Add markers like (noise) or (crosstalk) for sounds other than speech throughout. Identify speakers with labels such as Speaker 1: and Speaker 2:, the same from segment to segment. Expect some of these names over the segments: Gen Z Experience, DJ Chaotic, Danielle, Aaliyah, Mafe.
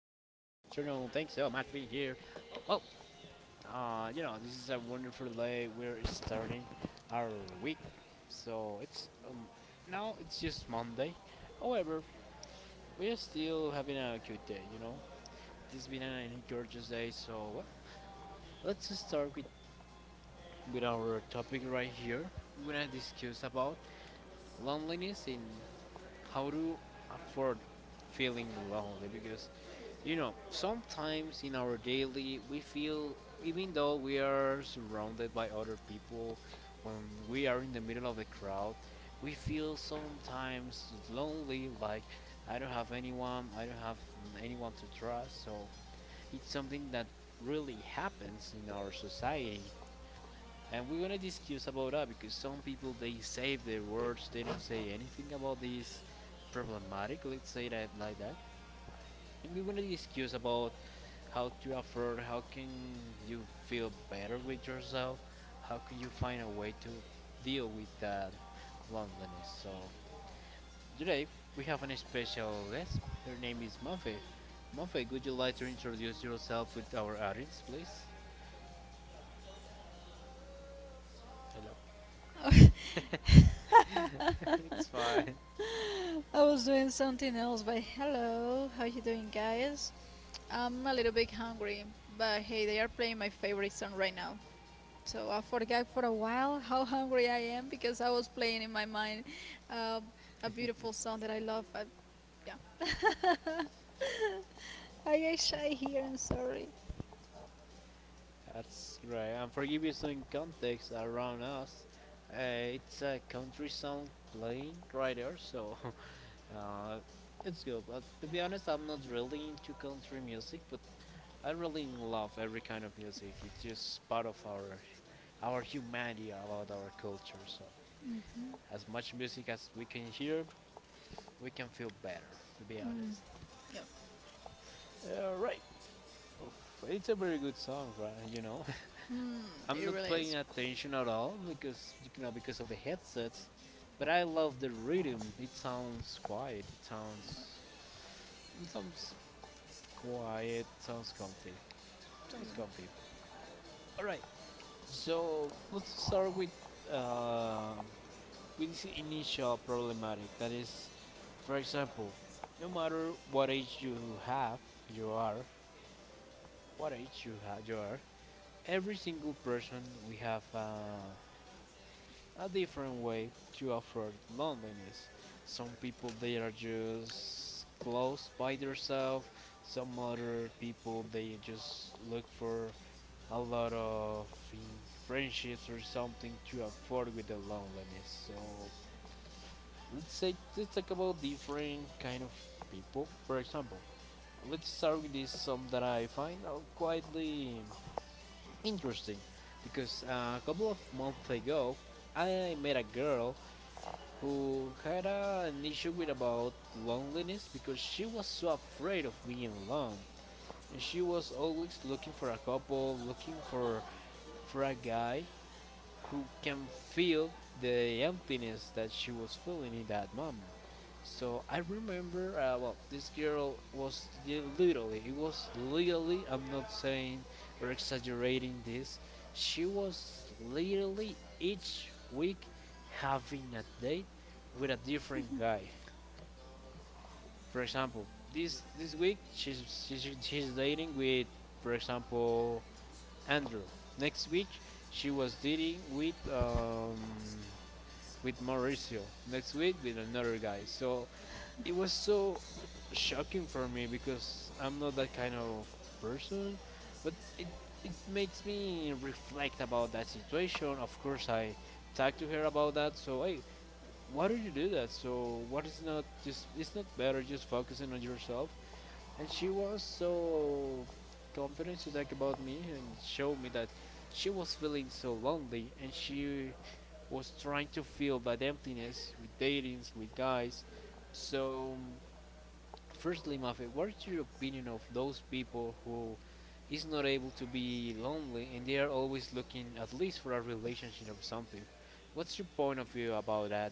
Speaker 1: afternoon. Thanks so much for being here. Well, this is a wonderful day. We're starting our week, so it's now it's just Monday. However, we're still having a good day. This has been a gorgeous day. So, let's start with our topic right here. We're gonna discuss about loneliness and how to afford feeling lonely, because sometimes in our daily, we feel, even though we are surrounded by other people, when we are in the middle of the crowd, we feel sometimes lonely, like I don't have anyone, I don't have anyone to trust. So it's something that really happens in our society. And we're gonna discuss about that because some people they save their words, they don't say anything about this problematic, let's say that like that. And we're gonna discuss about how to afford how can you feel better with yourself, how can you find a way to deal with that loneliness. So today we have an special guest. Her name is Mafe. Mafe, would you like to introduce yourself with our audience please? Hello.
Speaker 2: (laughs) I
Speaker 1: (laughs) It's fine.
Speaker 2: was doing something else, but hello, how you doing, guys? I'm a little bit hungry, but hey, they are playing my favorite song right now. So I forgot for a while (laughs) how hungry I am because I was playing in my mind uh, a beautiful song that I love. But yeah, (laughs) I get shy here. I'm sorry.
Speaker 1: That's great, and for give you some context around us, uh, it's a country song playing right there so. (laughs) Uh, it's good, but to be honest, I'm not really into country music, but I really love every kind of music. It's just part of our humanity, about our culture. So, as much music as we can hear, we can feel better. To be honest.
Speaker 2: Yeah,
Speaker 1: Right. Oof, it's a very good song, right?
Speaker 2: hmm,
Speaker 1: (laughs) I'm
Speaker 2: it
Speaker 1: not
Speaker 2: really is.
Speaker 1: paying attention at all because you know because of the headsets, but I love the rhythm. It sounds quiet. It sounds quiet. Sounds comfy. Sounds comfy. All right. So let's start uh, with this initial problematic. That is, for example, no matter what age you have, you are what age you are. Every single person we have a different way to afford loneliness. Some people they are just close by themselves. Some other people they just look for a lot of friendships or something to afford with the loneliness. So let's say let's talk about different kind of people. For example, let's start with this some that I find out quietly interesting because a couple of months ago I met a girl who had an issue with about loneliness because she was so afraid of being alone, and she was always looking for a couple, looking for a guy who can feel the emptiness that she was feeling in that moment. So I remember, well, this girl was literally, it was literally, I'm not saying or exaggerating this, she was literally each week having a date with a different guy. For example, this week she's dating with, for example, Andrew. Next week she was dating with Mauricio, next week with another guy. So it was so shocking for me because I'm not that kind of person, but it makes me reflect about that situation. Of course, I talked to her about that. So hey, why did you do that? So what is not just it's not better just focusing on yourself. And she was so confident to talk about me and show me that she was feeling so lonely and she was trying to fill that emptiness with datings, with guys. So, firstly, Mafe, what's your opinion of those people who is not able to be lonely and they are always looking at least for a relationship or something? What's your point of view about that?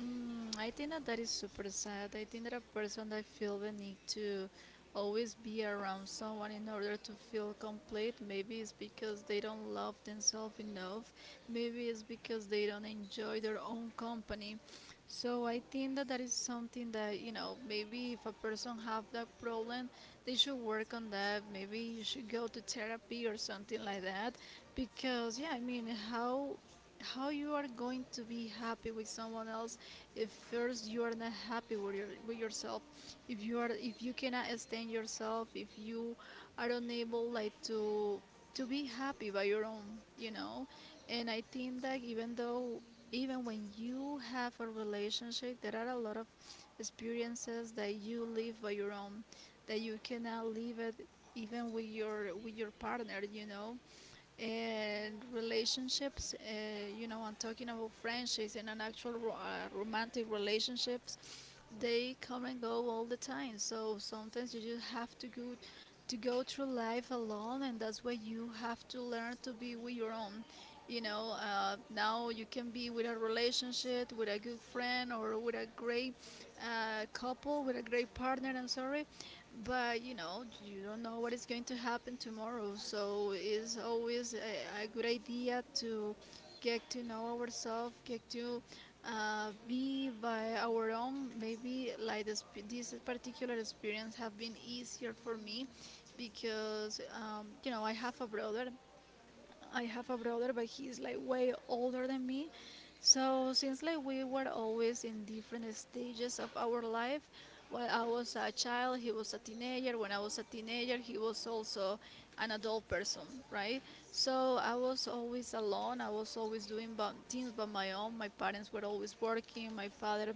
Speaker 2: I think that that is super sad. I think that a person that feel the need to always be around someone in order to feel complete, maybe it's because they don't love themselves enough. Maybe it's because they don't enjoy their own company. So I think that that is something that maybe if a person have that problem, they should work on that. Maybe you should go to therapy or something like that. Because yeah, I mean, how you are going to be happy with someone else if first you are not happy with yourself, if you cannot stand yourself, if you are unable, like, to be happy by your own. And I think that even when you have a relationship, there are a lot of experiences that you live by your own, that you cannot live it even with your partner. And relationships, I'm talking about friendships and an actual romantic relationships, they come and go all the time. So sometimes you just have to go through life alone, and that's why you have to learn to be with your own. Now you can be with a relationship, with a good friend, or with a great partner I'm sorry, but you don't know what is going to happen tomorrow. So it's always a good idea to get to know ourselves, get to be by our own. Maybe, like, this particular experience have been easier for me because I have a brother, but he's like way older than me. So since, like, we were always in different stages of our life, while I was a child, he was a teenager. When I was a teenager, he was also an adult person, right? So I was always alone. I was always doing things by my own. My parents were always working. My father,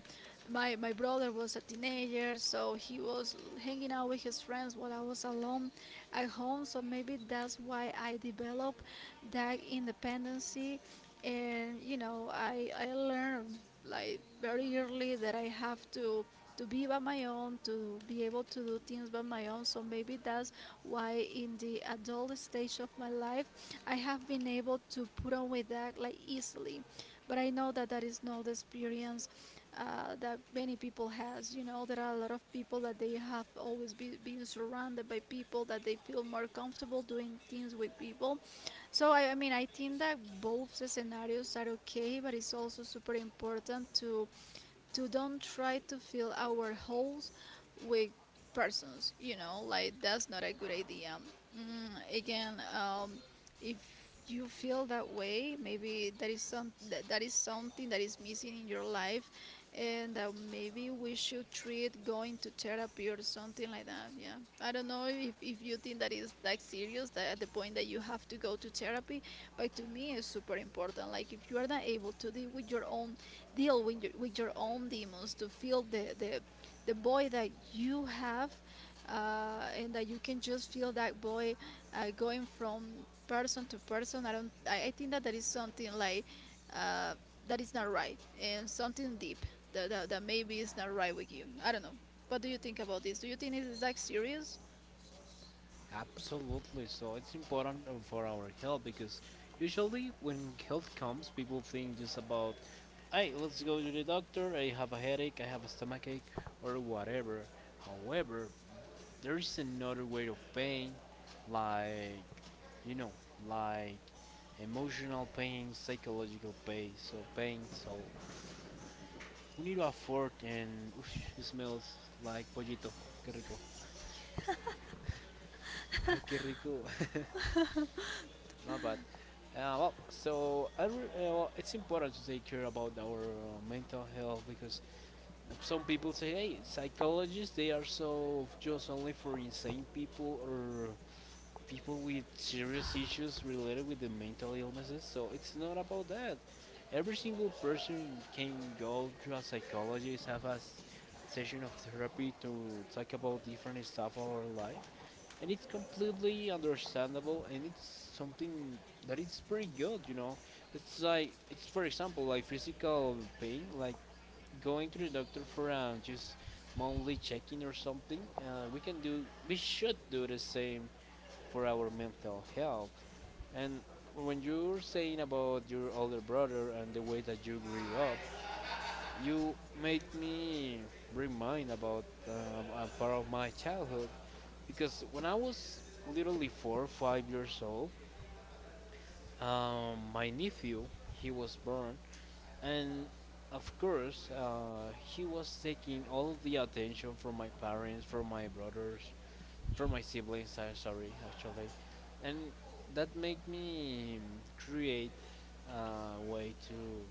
Speaker 2: my brother was a teenager, so he was hanging out with his friends while I was alone at home. So maybe that's why I developed that independency, and I learned, like, very early that I have to be by my own, to be able to do things by my own. So maybe that's why in the adult stage of my life, I have been able to put on with that like easily. But I know that that is not the experience that many people has. You know, there are a lot of people that they have always been surrounded by people, that they feel more comfortable doing things with people. So, I mean, I think that both the scenarios are okay, but it's also super important to don't try to fill our holes with persons. You know, like, that's not a good idea. Again, if you feel that way, maybe that is that is something that is missing in your life, and that maybe we should treat going to therapy or something like that. Yeah, I don't know if you think that is, like, serious, that at the point that you have to go to therapy, but to me, it's super important. Like, if you are not able to deal with your own demons, to feel the void that you have, and that you can just feel that void going from person to person. I don't. I think that that is something like, uh, that is not right, and something deep that, that maybe is not right with you. I don't know. What do you think about this? Do you think it is, like, serious?
Speaker 1: Absolutely. So it's important for our health because usually when health comes, people think just about, hey, let's go to the doctor. I have a headache. I have a stomachache or whatever. However, there's another way of pain, like you know, like emotional pain, psychological pain. So pain. So we need a fork, and ush, it smells like pollito. Qué rico. Ay, qué rico. (laughs) My bad. Well, so well, it's important to take care about our mental health because some people say, hey, psychologists they are so just only for insane people or people with serious issues related with the mental illnesses. So it's not about that. Every single person can go to a psychologist, have a session of therapy to talk about different stuff of our life, and it's completely understandable and it's something that is pretty good. You know, it's like it's for example like physical pain, like going to the doctor for just monthly checking or something. We should do the same for our mental health. And when you're saying about your older brother and the way that you grew up, you made me remind about a part of my childhood because when I was literally 4 or 5 years old, my nephew he was born, and of course he was taking all of the attention from my parents, from my brothers, from my siblings. I sorry actually, and that made me create a way to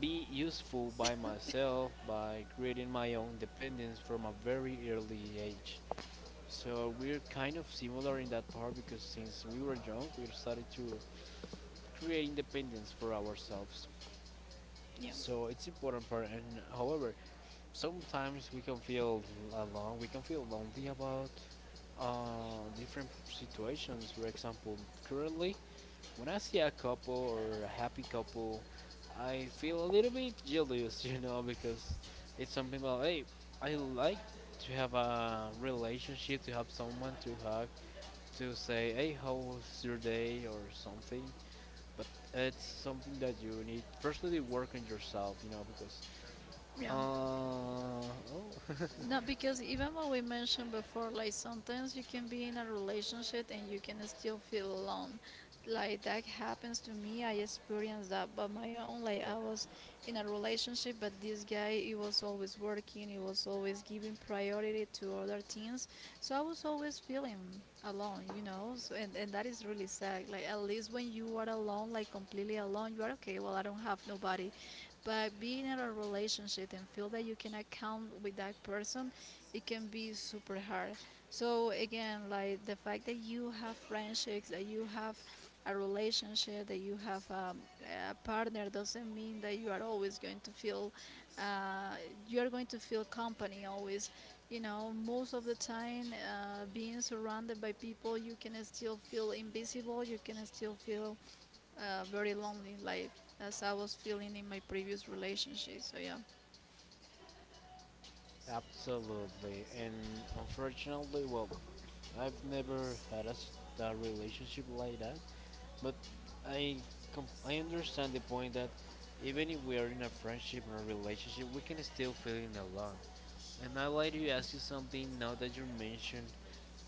Speaker 1: be useful by myself by creating my own dependence from a very early age. So we're kind of similar in that part because since we were young, we started to create independence for ourselves.
Speaker 2: Yeah.
Speaker 1: So it's important part. And however, sometimes we can feel alone. We can feel lonely about different situations. For example, currently, when I see a couple or a happy couple, I feel a little bit jealous, (laughs) you know, because it's something like, hey, I like to have a relationship, to have someone to hug, to say, hey, how was your day, or something. But it's something that you need, firstly, to work on yourself, you know, because,
Speaker 2: Yeah.
Speaker 1: uh, oh, (laughs)
Speaker 2: No, because even what we mentioned before, like, sometimes you can be in a relationship and you can still feel alone. Like, that happens to me. I experienced that by my own. Like,
Speaker 1: yeah.
Speaker 2: I was in a relationship, but this guy, he was always working. He was always giving priority to other things. So I was always feeling alone. So, and that is really sad. Like, at least when you are alone, like completely alone, you are okay. Well, I don't have nobody, but being in a relationship and feel that you cannot count with that person, it can be super hard. So again, like, the fact that you have friendships, that you have a relationship, that you have a partner, doesn't mean that you are always going to feel uh, you are going to feel company always. You know, most of the time, being surrounded by people, you can still feel invisible, you can still feel very lonely, like as I was feeling in my previous relationship. So, yeah.
Speaker 1: Absolutely, and unfortunately, well, I've never had a relationship like that, but I I understand the point that even if we are in a friendship or a relationship, we can still feeling alone. And I'd like to ask you something now that you mentioned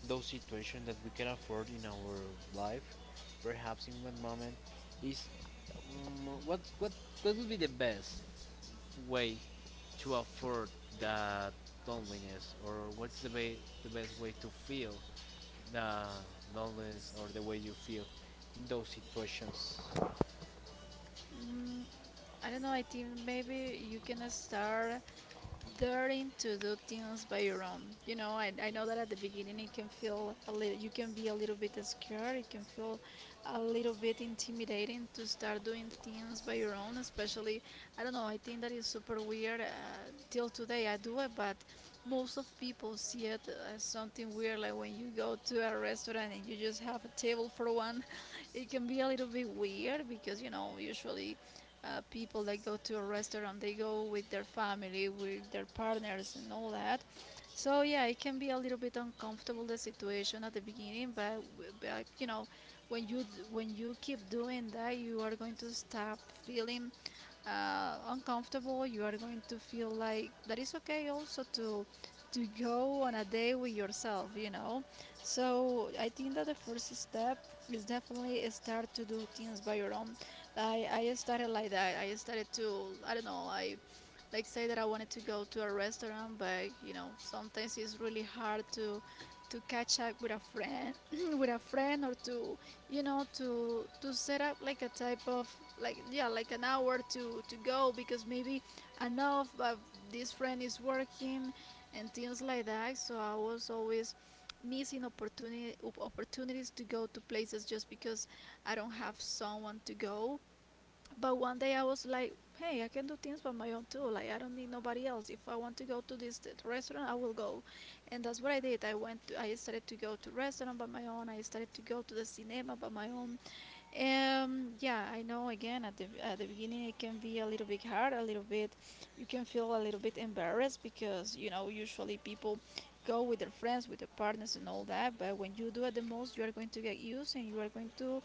Speaker 1: those situations that we can afford in our life, perhaps in one moment, is um, what what what would be the best way to afford that loneliness, or what's the way the best way to feel the knowledge or the way you feel in those situations.
Speaker 2: mm, I don't know. I think maybe you can start daring to do things by your own. I know that at the beginning it can you can be a little bit scared, it can feel a little bit intimidating to start doing things by your own. Especially, I don't know, I think that is super weird. Till today I do it, but most of people see it as something weird, like when you go to a restaurant and you just have a table for one, (laughs) it can be a little bit weird because, usually, people that go to a restaurant, they go with their family, with their partners, and all that. So yeah, it can be a little bit uncomfortable, the situation at the beginning, but when you d- when you keep doing that, you are going to start feeling uncomfortable, you are going to feel like that is okay, also, to go on a day with yourself. So I think that the first step is definitely start to do things by your own. I started like that. I started to I don't know. I, like, say that I wanted to go to a restaurant, but sometimes it's really hard to catch up with a friend (laughs) (clears throat) with a friend, or to you know to set up like a type of, like, yeah, like an hour to go. Because maybe enough, but this friend is working and things like that. So I was always missing opportunity opportunities to go to places just because I don't have someone to go. But one day I was like, hey, I can do things by my own too. Like, I don't need nobody else. If I want to go to this restaurant, I will go. And that's what I did. I started to go to restaurant by my own. I started to go to the cinema by my own. Yeah, I know, again, at the beginning it can be a little bit hard, you can feel a little bit embarrassed because, usually, people go with their friends, with their partners, and all that. But when you do it the most, you are going to get used, and you are going to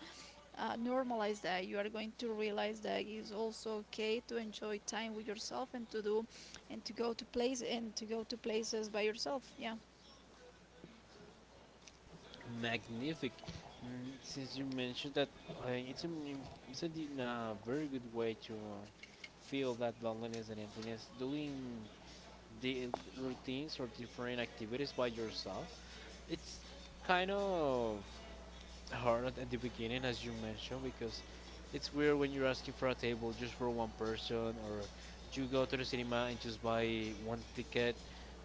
Speaker 2: normalize that. You are going to realize that it's also okay to enjoy time with yourself, and to do and to go to place and to go to places by yourself. Yeah. (laughs)
Speaker 1: Magnific. Since you mentioned that, it's, an, im- it's a di- very good way to feel that loneliness and emptiness doing the routines or different activities by yourself. It's kind of hard at the beginning, as you mentioned, because it's weird when you're asking for a table just for one person, or you go to the cinema and just buy one ticket,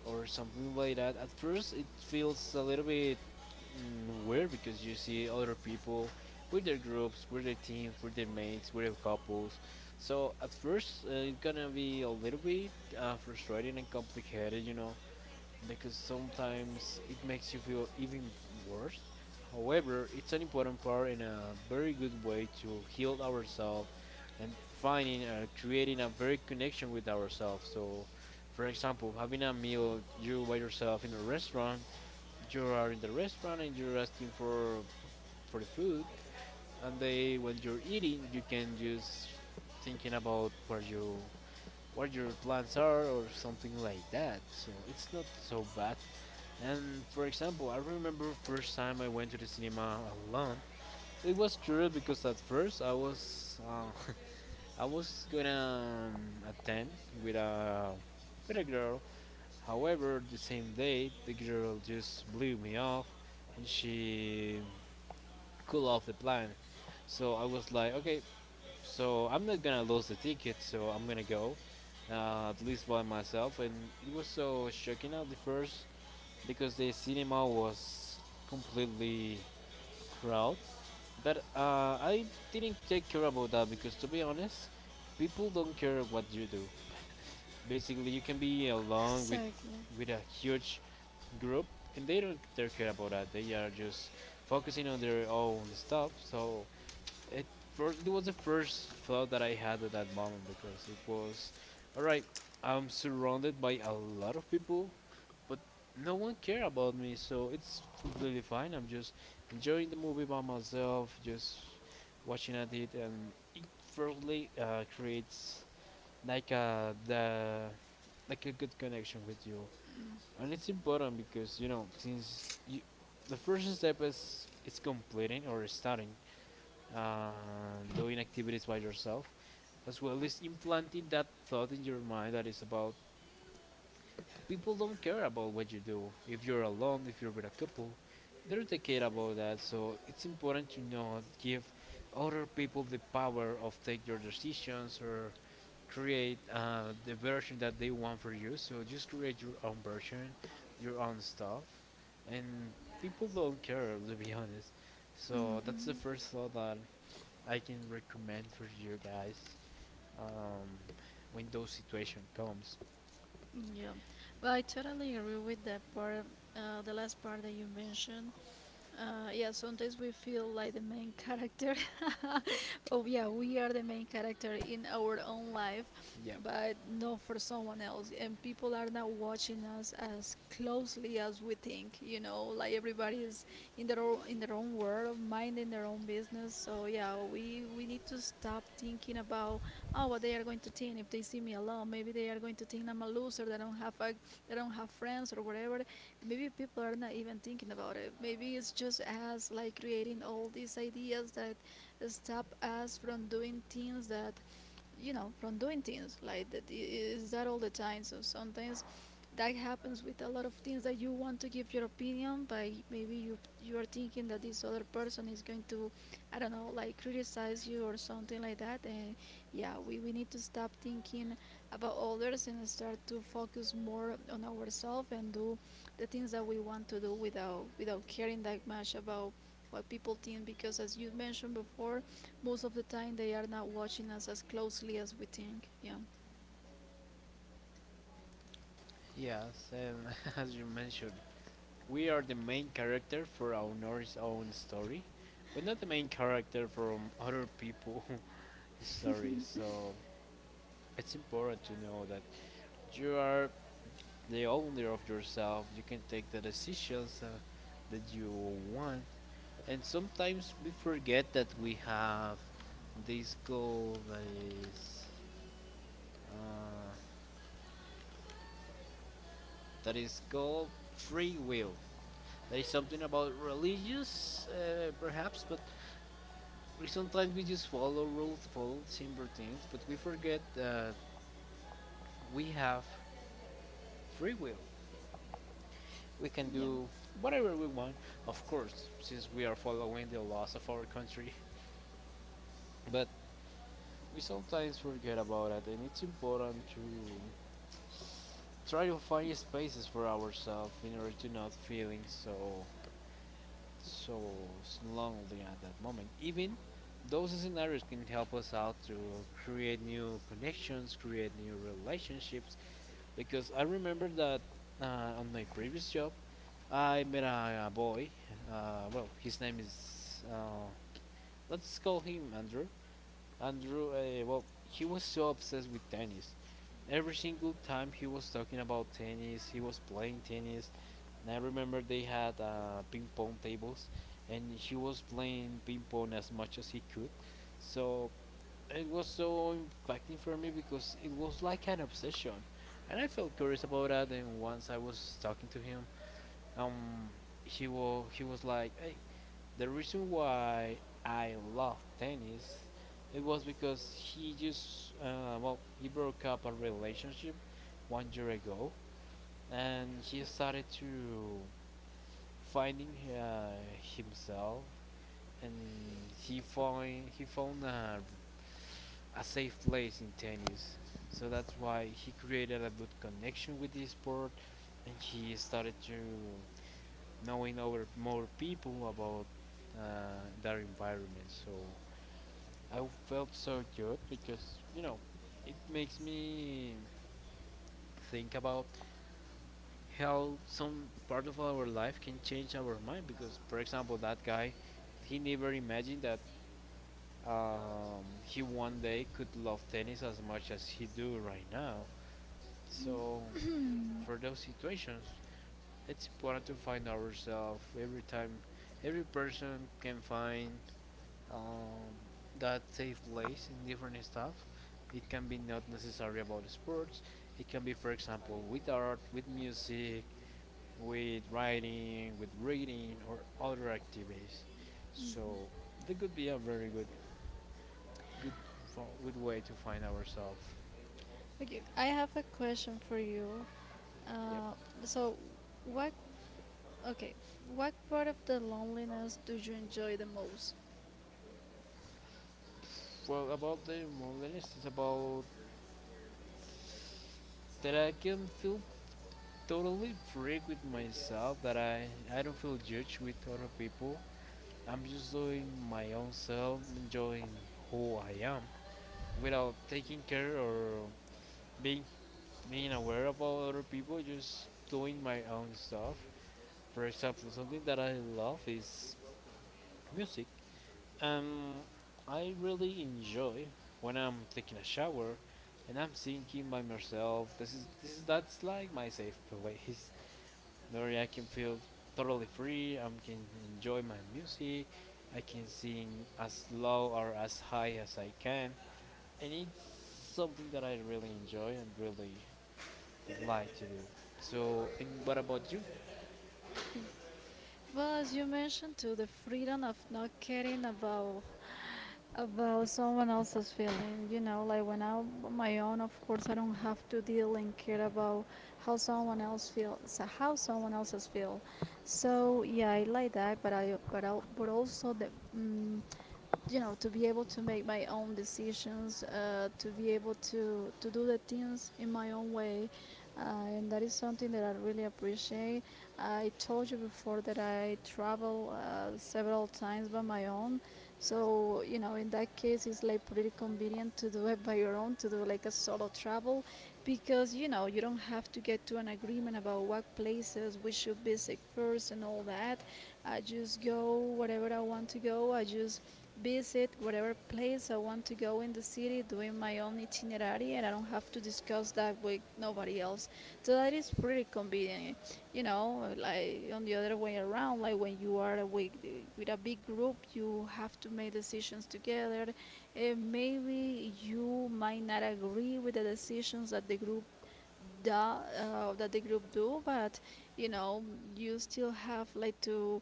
Speaker 1: or something like that. At first, it feels a little bit weird because you see other people with their groups, with their teams, with their mates, with their couples. So at first, it's gonna be a little bit frustrating and complicated, you know, because sometimes it makes you feel even worse. However, it's an important part and a very good way to heal ourselves and finding creating a very connection with ourselves. So, for example, having a meal you by yourself in a restaurant, you are in the restaurant and you're asking for the food, and they when you're eating, you can just thinking about what you what your plans are or something like that. So it's not so bad. And for example, I remember first time I went to the cinema alone. It was curious because at first I was (laughs) I was gonna attend with a with a girl. However, the same day the girl just blew me off, and she cool off the plan. So I was like, okay, so I'm not gonna lose the ticket, so I'm gonna go, at least by myself. And it was so shocking at the first because the cinema was completely crowded. But I didn't take care about that because, to be honest, people don't care what you do. Basically, you can be along with a huge group, and they don't they care about that. They are just focusing on their own stuff. So it first it was the first thought that I had at that moment because it was, all right, I'm surrounded by a lot of people but no one care about me, so it's completely fine. I'm just enjoying the movie by myself, just watching at it, and it really creates like a the like a good connection with you, and it's important because since you the first step is completing or starting doing activities by yourself, as well as implanting that thought in your mind that is about people don't care about what you do. If you're alone, if you're with a couple, they don't care about that. So it's important to not give other people the power of take your decisions or create the version that they want for you. So just
Speaker 2: Exactly.
Speaker 1: create your own version, your own stuff, and people don't care (laughs) to be honest. So that's the first thought that I can recommend for you guys um, when those situation comes.
Speaker 2: Mhm. Yeah, well, I totally agree with that part, the last part that you mentioned. Yeah, sometimes we feel like the main character. (laughs) Oh, yeah, we are the main character in our own life,
Speaker 1: Yeah.
Speaker 2: but not for someone else. And people are not watching us as closely as we think. Like, everybody is in their own world, minding their own business. So yeah, we need to stop thinking about, oh, what they are going to think if they see me alone. Maybe they are going to think I'm a loser. That I don't have that I don't have friends or whatever. Maybe people are not even thinking about it. Maybe it's just us like creating all these ideas that stop us from doing things that, from doing things like that is that all the time. So sometimes that happens with a lot of things that you want to give your opinion, but maybe you are thinking that this other person is going to, I don't know, like criticize you or something like that. And yeah, we need to stop thinking about others and start to focus more on ourselves and do the things that we want to do without caring that much about what people think, because as you mentioned before, most of the time they are not watching us as closely as we think, yeah
Speaker 1: Yes, and (laughs) as you mentioned, we are the main character for our Norris own story, but not the main character from other people's (laughs) stories. So it's important to know that you are the owner of yourself. You can take the decisions that you want, and sometimes we forget that we have this goal that is uh, called free will. There is something about religious, perhaps, but we sometimes we just follow rules, follow the same routines, but we forget that we have free will. We can
Speaker 2: yeah.
Speaker 1: do whatever we want, of course, since we are following the laws of our country. But we sometimes forget about it, and it's important to try to find spaces for ourselves in order to not feeling so slowly at that moment. Even those scenarios can help us out to create new connections, create new relationships. Because I remember that on my previous job, I met a boy. Well, his name is let's call him Andrew. Andrew, well, he was so obsessed with tennis. Every single time he was talking about tennis, he was playing tennis. And I remember they had ping pong tables, and he was playing ping pong as much as he could. So it was so impacting for me because it was like an obsession, and I felt curious about that. And once I was talking to him, um, he was like, "Hey, the reason why I love tennis, it was because he just well he broke up a relationship one year ago, and he started to finding himself, and he found a safe place in tennis. So that's why he created a good connection with this sport, and he started to knowing over more people about their environment. So I felt so good because you know it makes me think about how some part of our life can change our mind because for example that guy he never imagined that he one day could love tennis as much as he do right now.
Speaker 2: (clears throat)
Speaker 1: So for those situations it's important to find ourselves every time. Every person can find um, that take place in different stuff. It can be not necessary about sports. It can be, for example, with art, with music, with writing, with reading, or other activities. So that could be a very good, good, good way to find ourselves.
Speaker 2: Okay, I have a question for you.
Speaker 1: Yep.
Speaker 2: Uh, so, what? Okay, what part of the loneliness do you enjoy the most?
Speaker 1: Well, about the modernist, it's about that I can feel totally free with myself. That I don't feel judged with other people. I'm just doing my own self, enjoying who I am, without taking care or being being aware about other people. Just doing my own stuff. For example, something that I love is music. Um, I really enjoy when I'm taking a shower and I'm thinking by myself. This is that's like my safe place, where I can feel totally free. I can enjoy my music. I can sing as low or as high as I can, and it's something that I really enjoy and really like to do. So, and what about you?
Speaker 2: Well, as you mentioned, to the freedom of not caring about someone else's feeling. You know, like when I'm on my own, of course, I don't have to deal and care about how someone else feels, how someone else's feel. So yeah, I like that, but also the. Mm, you know, to be able to make my own decisions, to be able to do the things in my own way, uh, and that is something that I really appreciate. I told you before that I travel, several times by my own. So you know, in that case, it's like pretty convenient to do it by your own, to do like a solo travel, because you know, you don't have to get to an agreement about what places we should visit first and all that. I just go wherever I want to go. I just visit whatever place I want to go in the city, doing my own itinerary, and I don't have to discuss that with nobody else. So that is pretty convenient, you know. Like on the other way around, like when you are with a big group, you have to make decisions together. And maybe you might not agree with the decisions that the group the group do, but you know, you still have like to,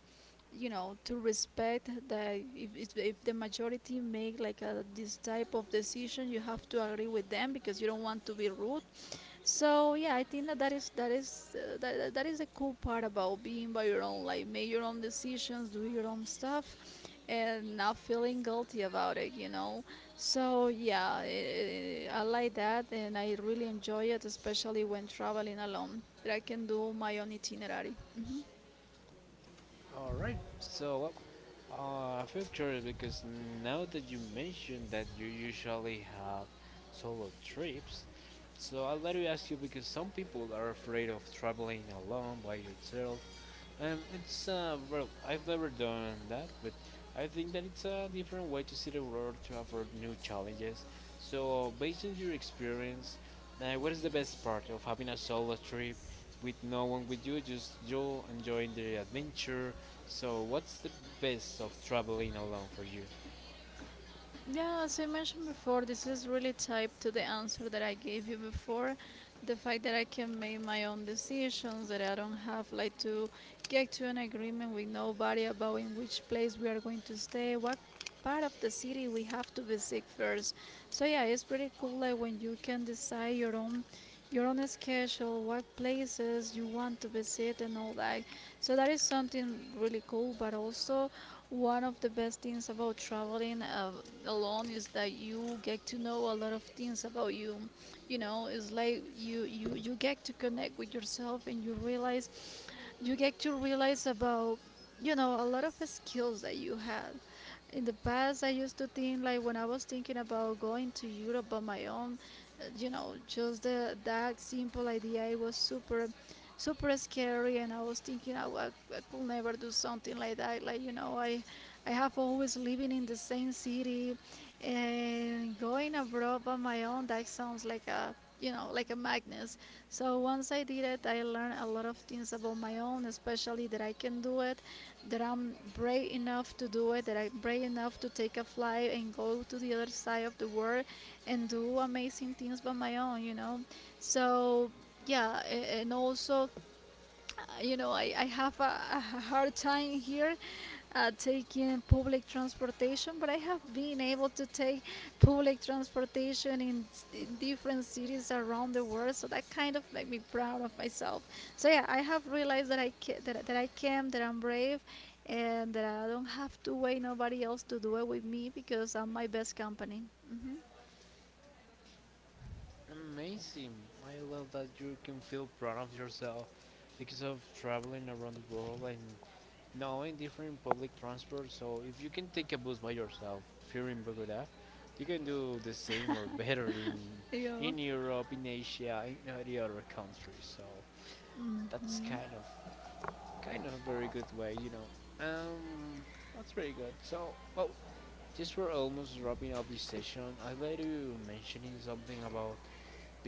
Speaker 2: you know, to respect that. If the majority make like this type of decision, you have to agree with them, because you don't want to be rude. So yeah, I think that that is the cool part about being by your own. Like, make your own decisions, do your own stuff, and not feeling guilty about it, you know. So yeah, I like that, and I really enjoy it, especially when traveling alone. That I can do my own itinerary. Mhm.
Speaker 1: All right. So, I feel curious because now that you mentioned that you usually have solo trips, so I'll let you ask you because some people are afraid of traveling alone by yourself. It's well, I've never done that, but I think that it's a different way to see the world to offer new challenges. So, based on your experience, what is the best part of having a solo trip with no one with you, just you enjoying the adventure? So, what's the best of traveling alone for you?
Speaker 2: Yeah, as I mentioned before, this is really tied to the answer that I gave you before. The fact that I can make my own decisions, that I don't have like to get to an agreement with nobody about in which place we are going to stay, what part of the city we have to visit first. So yeah, it's pretty cool like when you can decide your own schedule, what places you want to visit and all that. So that is something really cool, but also one of the best things about traveling, alone, is that you get to know a lot of things about you. You know, it's like you get to connect with yourself and you get to realize about, you know, a lot of skills that you had. In the past, I used to think, like when I was thinking about going to Europe on my own, you know, just that simple idea, it was super super scary, and I was thinking I could never do something like that. Like, you know, I have always living in the same city, and going abroad by my own, that sounds like a, you know, like a madness. So once I did it, I learned a lot of things about my own, especially that I can do it, that I'm brave enough to do it, that I'm brave enough to take a flight and go to the other side of the world and do amazing things by my own, you know. So yeah, and also, you know, I have a hard time here, taking public transportation, but I have been able to take public transportation in, in different cities around the world, so that kind of made me proud of myself. So yeah, I have realized that I can, that I'm brave, and that I don't have to wait nobody else to do it with me, because I'm my best company. Hmm.
Speaker 1: Amazing! I love that you can feel proud of yourself because of traveling around the world and no, in different public transport. So if you can take a bus by yourself here in Bogota, you can do the same or better
Speaker 2: Yeah.
Speaker 1: in Europe, in Asia, in all the other countries. So that's
Speaker 2: Hmm.
Speaker 1: kind of a very good way, you know. Um, that's very good. So well, just we're almost wrapping up this session. I'd like to mentioning something about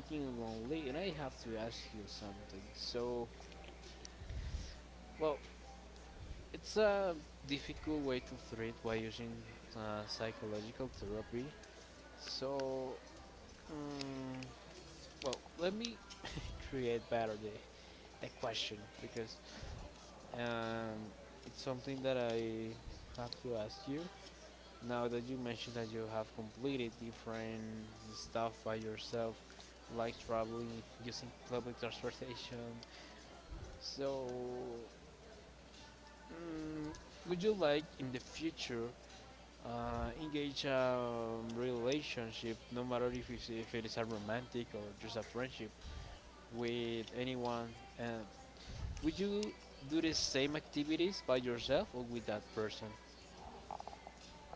Speaker 1: being lonely, and I have to ask you something. So well, it's a difficult way to treat by using psychological therapy. So, um, well, let me create better the question because um, it's something that I have to ask you. Now that you mentioned that you have completed different stuff by yourself, like traveling, using public transportation, so mm, would you like in the future engage a relationship, no matter if it is a romantic or just a friendship with anyone, and would you do the same activities by yourself or with that person?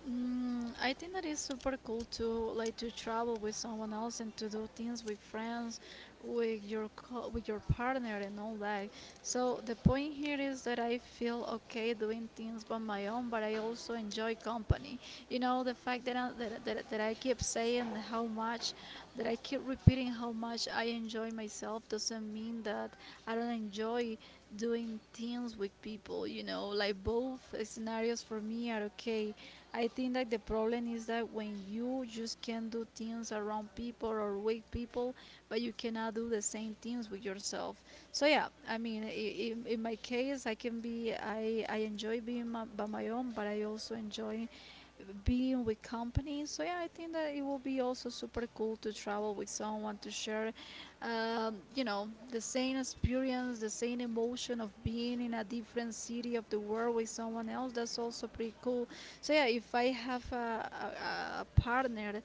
Speaker 2: Mm, I think that is super cool to like to travel with someone else and to do things with friends, with your partner and all that. So the point here is that I feel okay doing things by my own, but I also enjoy company. You know, the fact that that I keep saying how much that I keep repeating how much I enjoy myself doesn't mean that I don't enjoy doing things with people. You know, like both scenarios for me are okay. I think that the problem is that when you just can do things around people or with people, but you cannot do the same things with yourself. So yeah, I mean, in my case, I can be I enjoy being by my own, but I also enjoy being with company. So yeah, I think that it will be also super cool to travel with someone to share, you know, the same experience, the same emotion of being in a different city of the world with someone else. That's also pretty cool. So yeah, if I have a partner,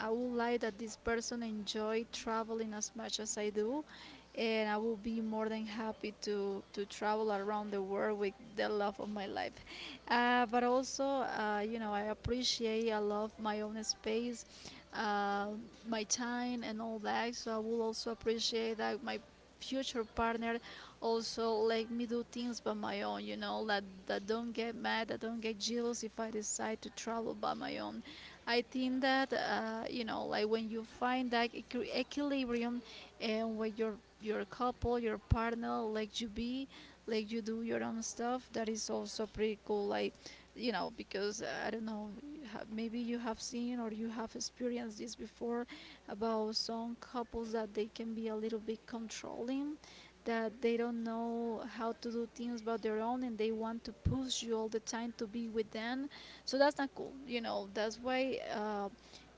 Speaker 2: I would like that this person enjoy traveling as much as I do, and I will be more than happy to travel around the world with the love of my life. But also, you know, I love my own space, uh, my time, and all that. So I will also appreciate that my future partner also let me do things by my own, you know, that don't get mad, that don't get jealous if I decide to travel by my own. I think that, you know, like when you find that equilibrium, and when your couple, your partner, let you be, let you do your own stuff, that is also pretty cool. Like, you know, because, I don't know, maybe you have seen or you have experienced this before about some couples that they can be a little bit controlling, that they don't know how to do things by their own and they want to push you all the time to be with them. So that's not cool, you know. That's why,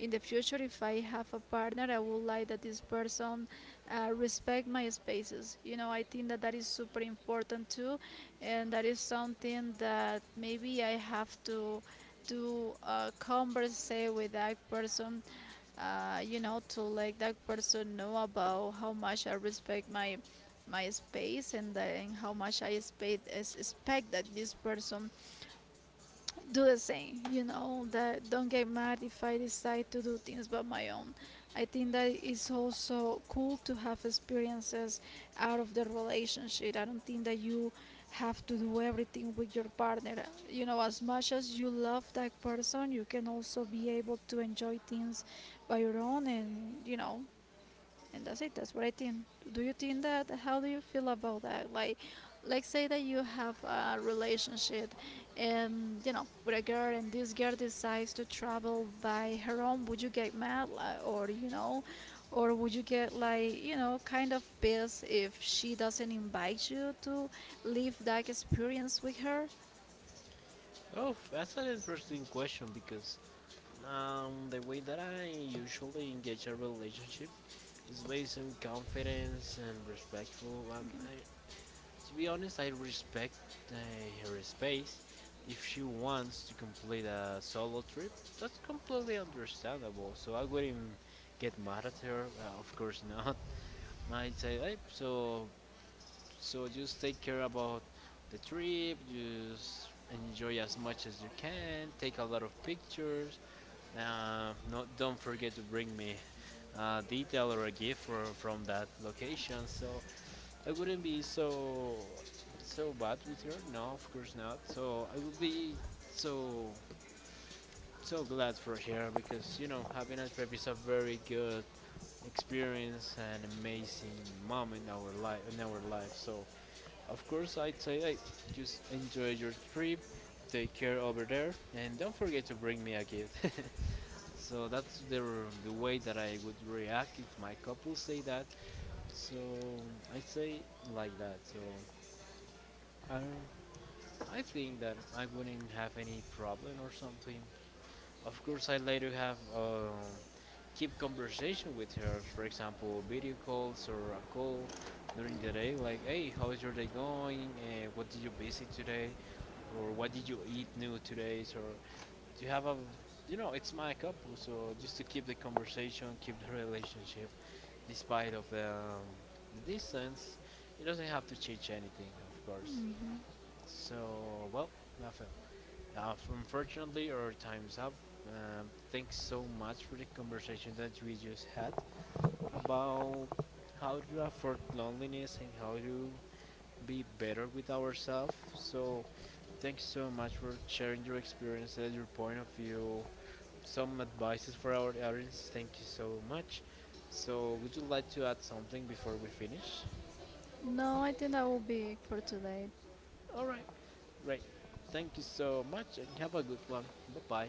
Speaker 2: in the future, if I have a partner, I would like that this person, respect my spaces, you know. I think that that is super important too, and that is something that maybe I have to converse with that person, you know, to let that person know about how much I respect my my space, and then how much I expect that this person do the same, you know, that don't get mad if I decide to do things by my own. I think that it's also cool to have experiences out of the relationship. I don't think that you have to do everything with your partner. You know, as much as you love that person, you can also be able to enjoy things by your own, and you know, and that's it. That's what I think. Do you think that How do you feel about that? Like say that you have a relationship, and you know, with a girl, and this girl decides to travel by her own, would you get mad, like, or you know, or would you get like, you know, kind of pissed if she doesn't invite you to live that experience with her?
Speaker 1: Oh, that's an interesting question because the way that I usually engage a relationship is based on confidence and respectful. To be honest, I respect uh, her space. If she wants to complete a solo trip, that's completely understandable. So I wouldn't get mad at her. Of course not. (laughs) I say, hey, so just take care about the trip. Just enjoy as much as you can. Take a lot of pictures. No, don't forget to bring me a detail or a gift for, from that location. So I wouldn't be so bad with her. No, of course not. So I would be so so glad for her because you know having a trip is a very good experience and amazing moment in our life. So of course I'd say I just enjoy your trip. Take care over there and don't forget to bring me a gift. (laughs) So that's the the way that I would react if my couple say that. So I say like that. So I don't I think that I wouldn't have any problem or something. Of course, I later have keep conversation with her, for example, video calls or a call during the day, like, hey, how is your day going? What did you visit today? Or what did you eat new today? So to have a, you know, it's my couple, so just to keep the conversation, keep the relationship, despite of the distance, it doesn't have to change anything, of course.
Speaker 2: Hmm.
Speaker 1: So well, nothing. Unfortunately, our time's up. Thanks so much for the conversation that we just had about how to afford loneliness and how to be better with ourselves. So, thanks so much for sharing your experiences, your point of view, some advices for our audience. Thank you so much. So, would you like to add something before we finish?
Speaker 2: No, I think that will be it for today.
Speaker 1: All right, great. Thank you so much and have a good one. Bye bye.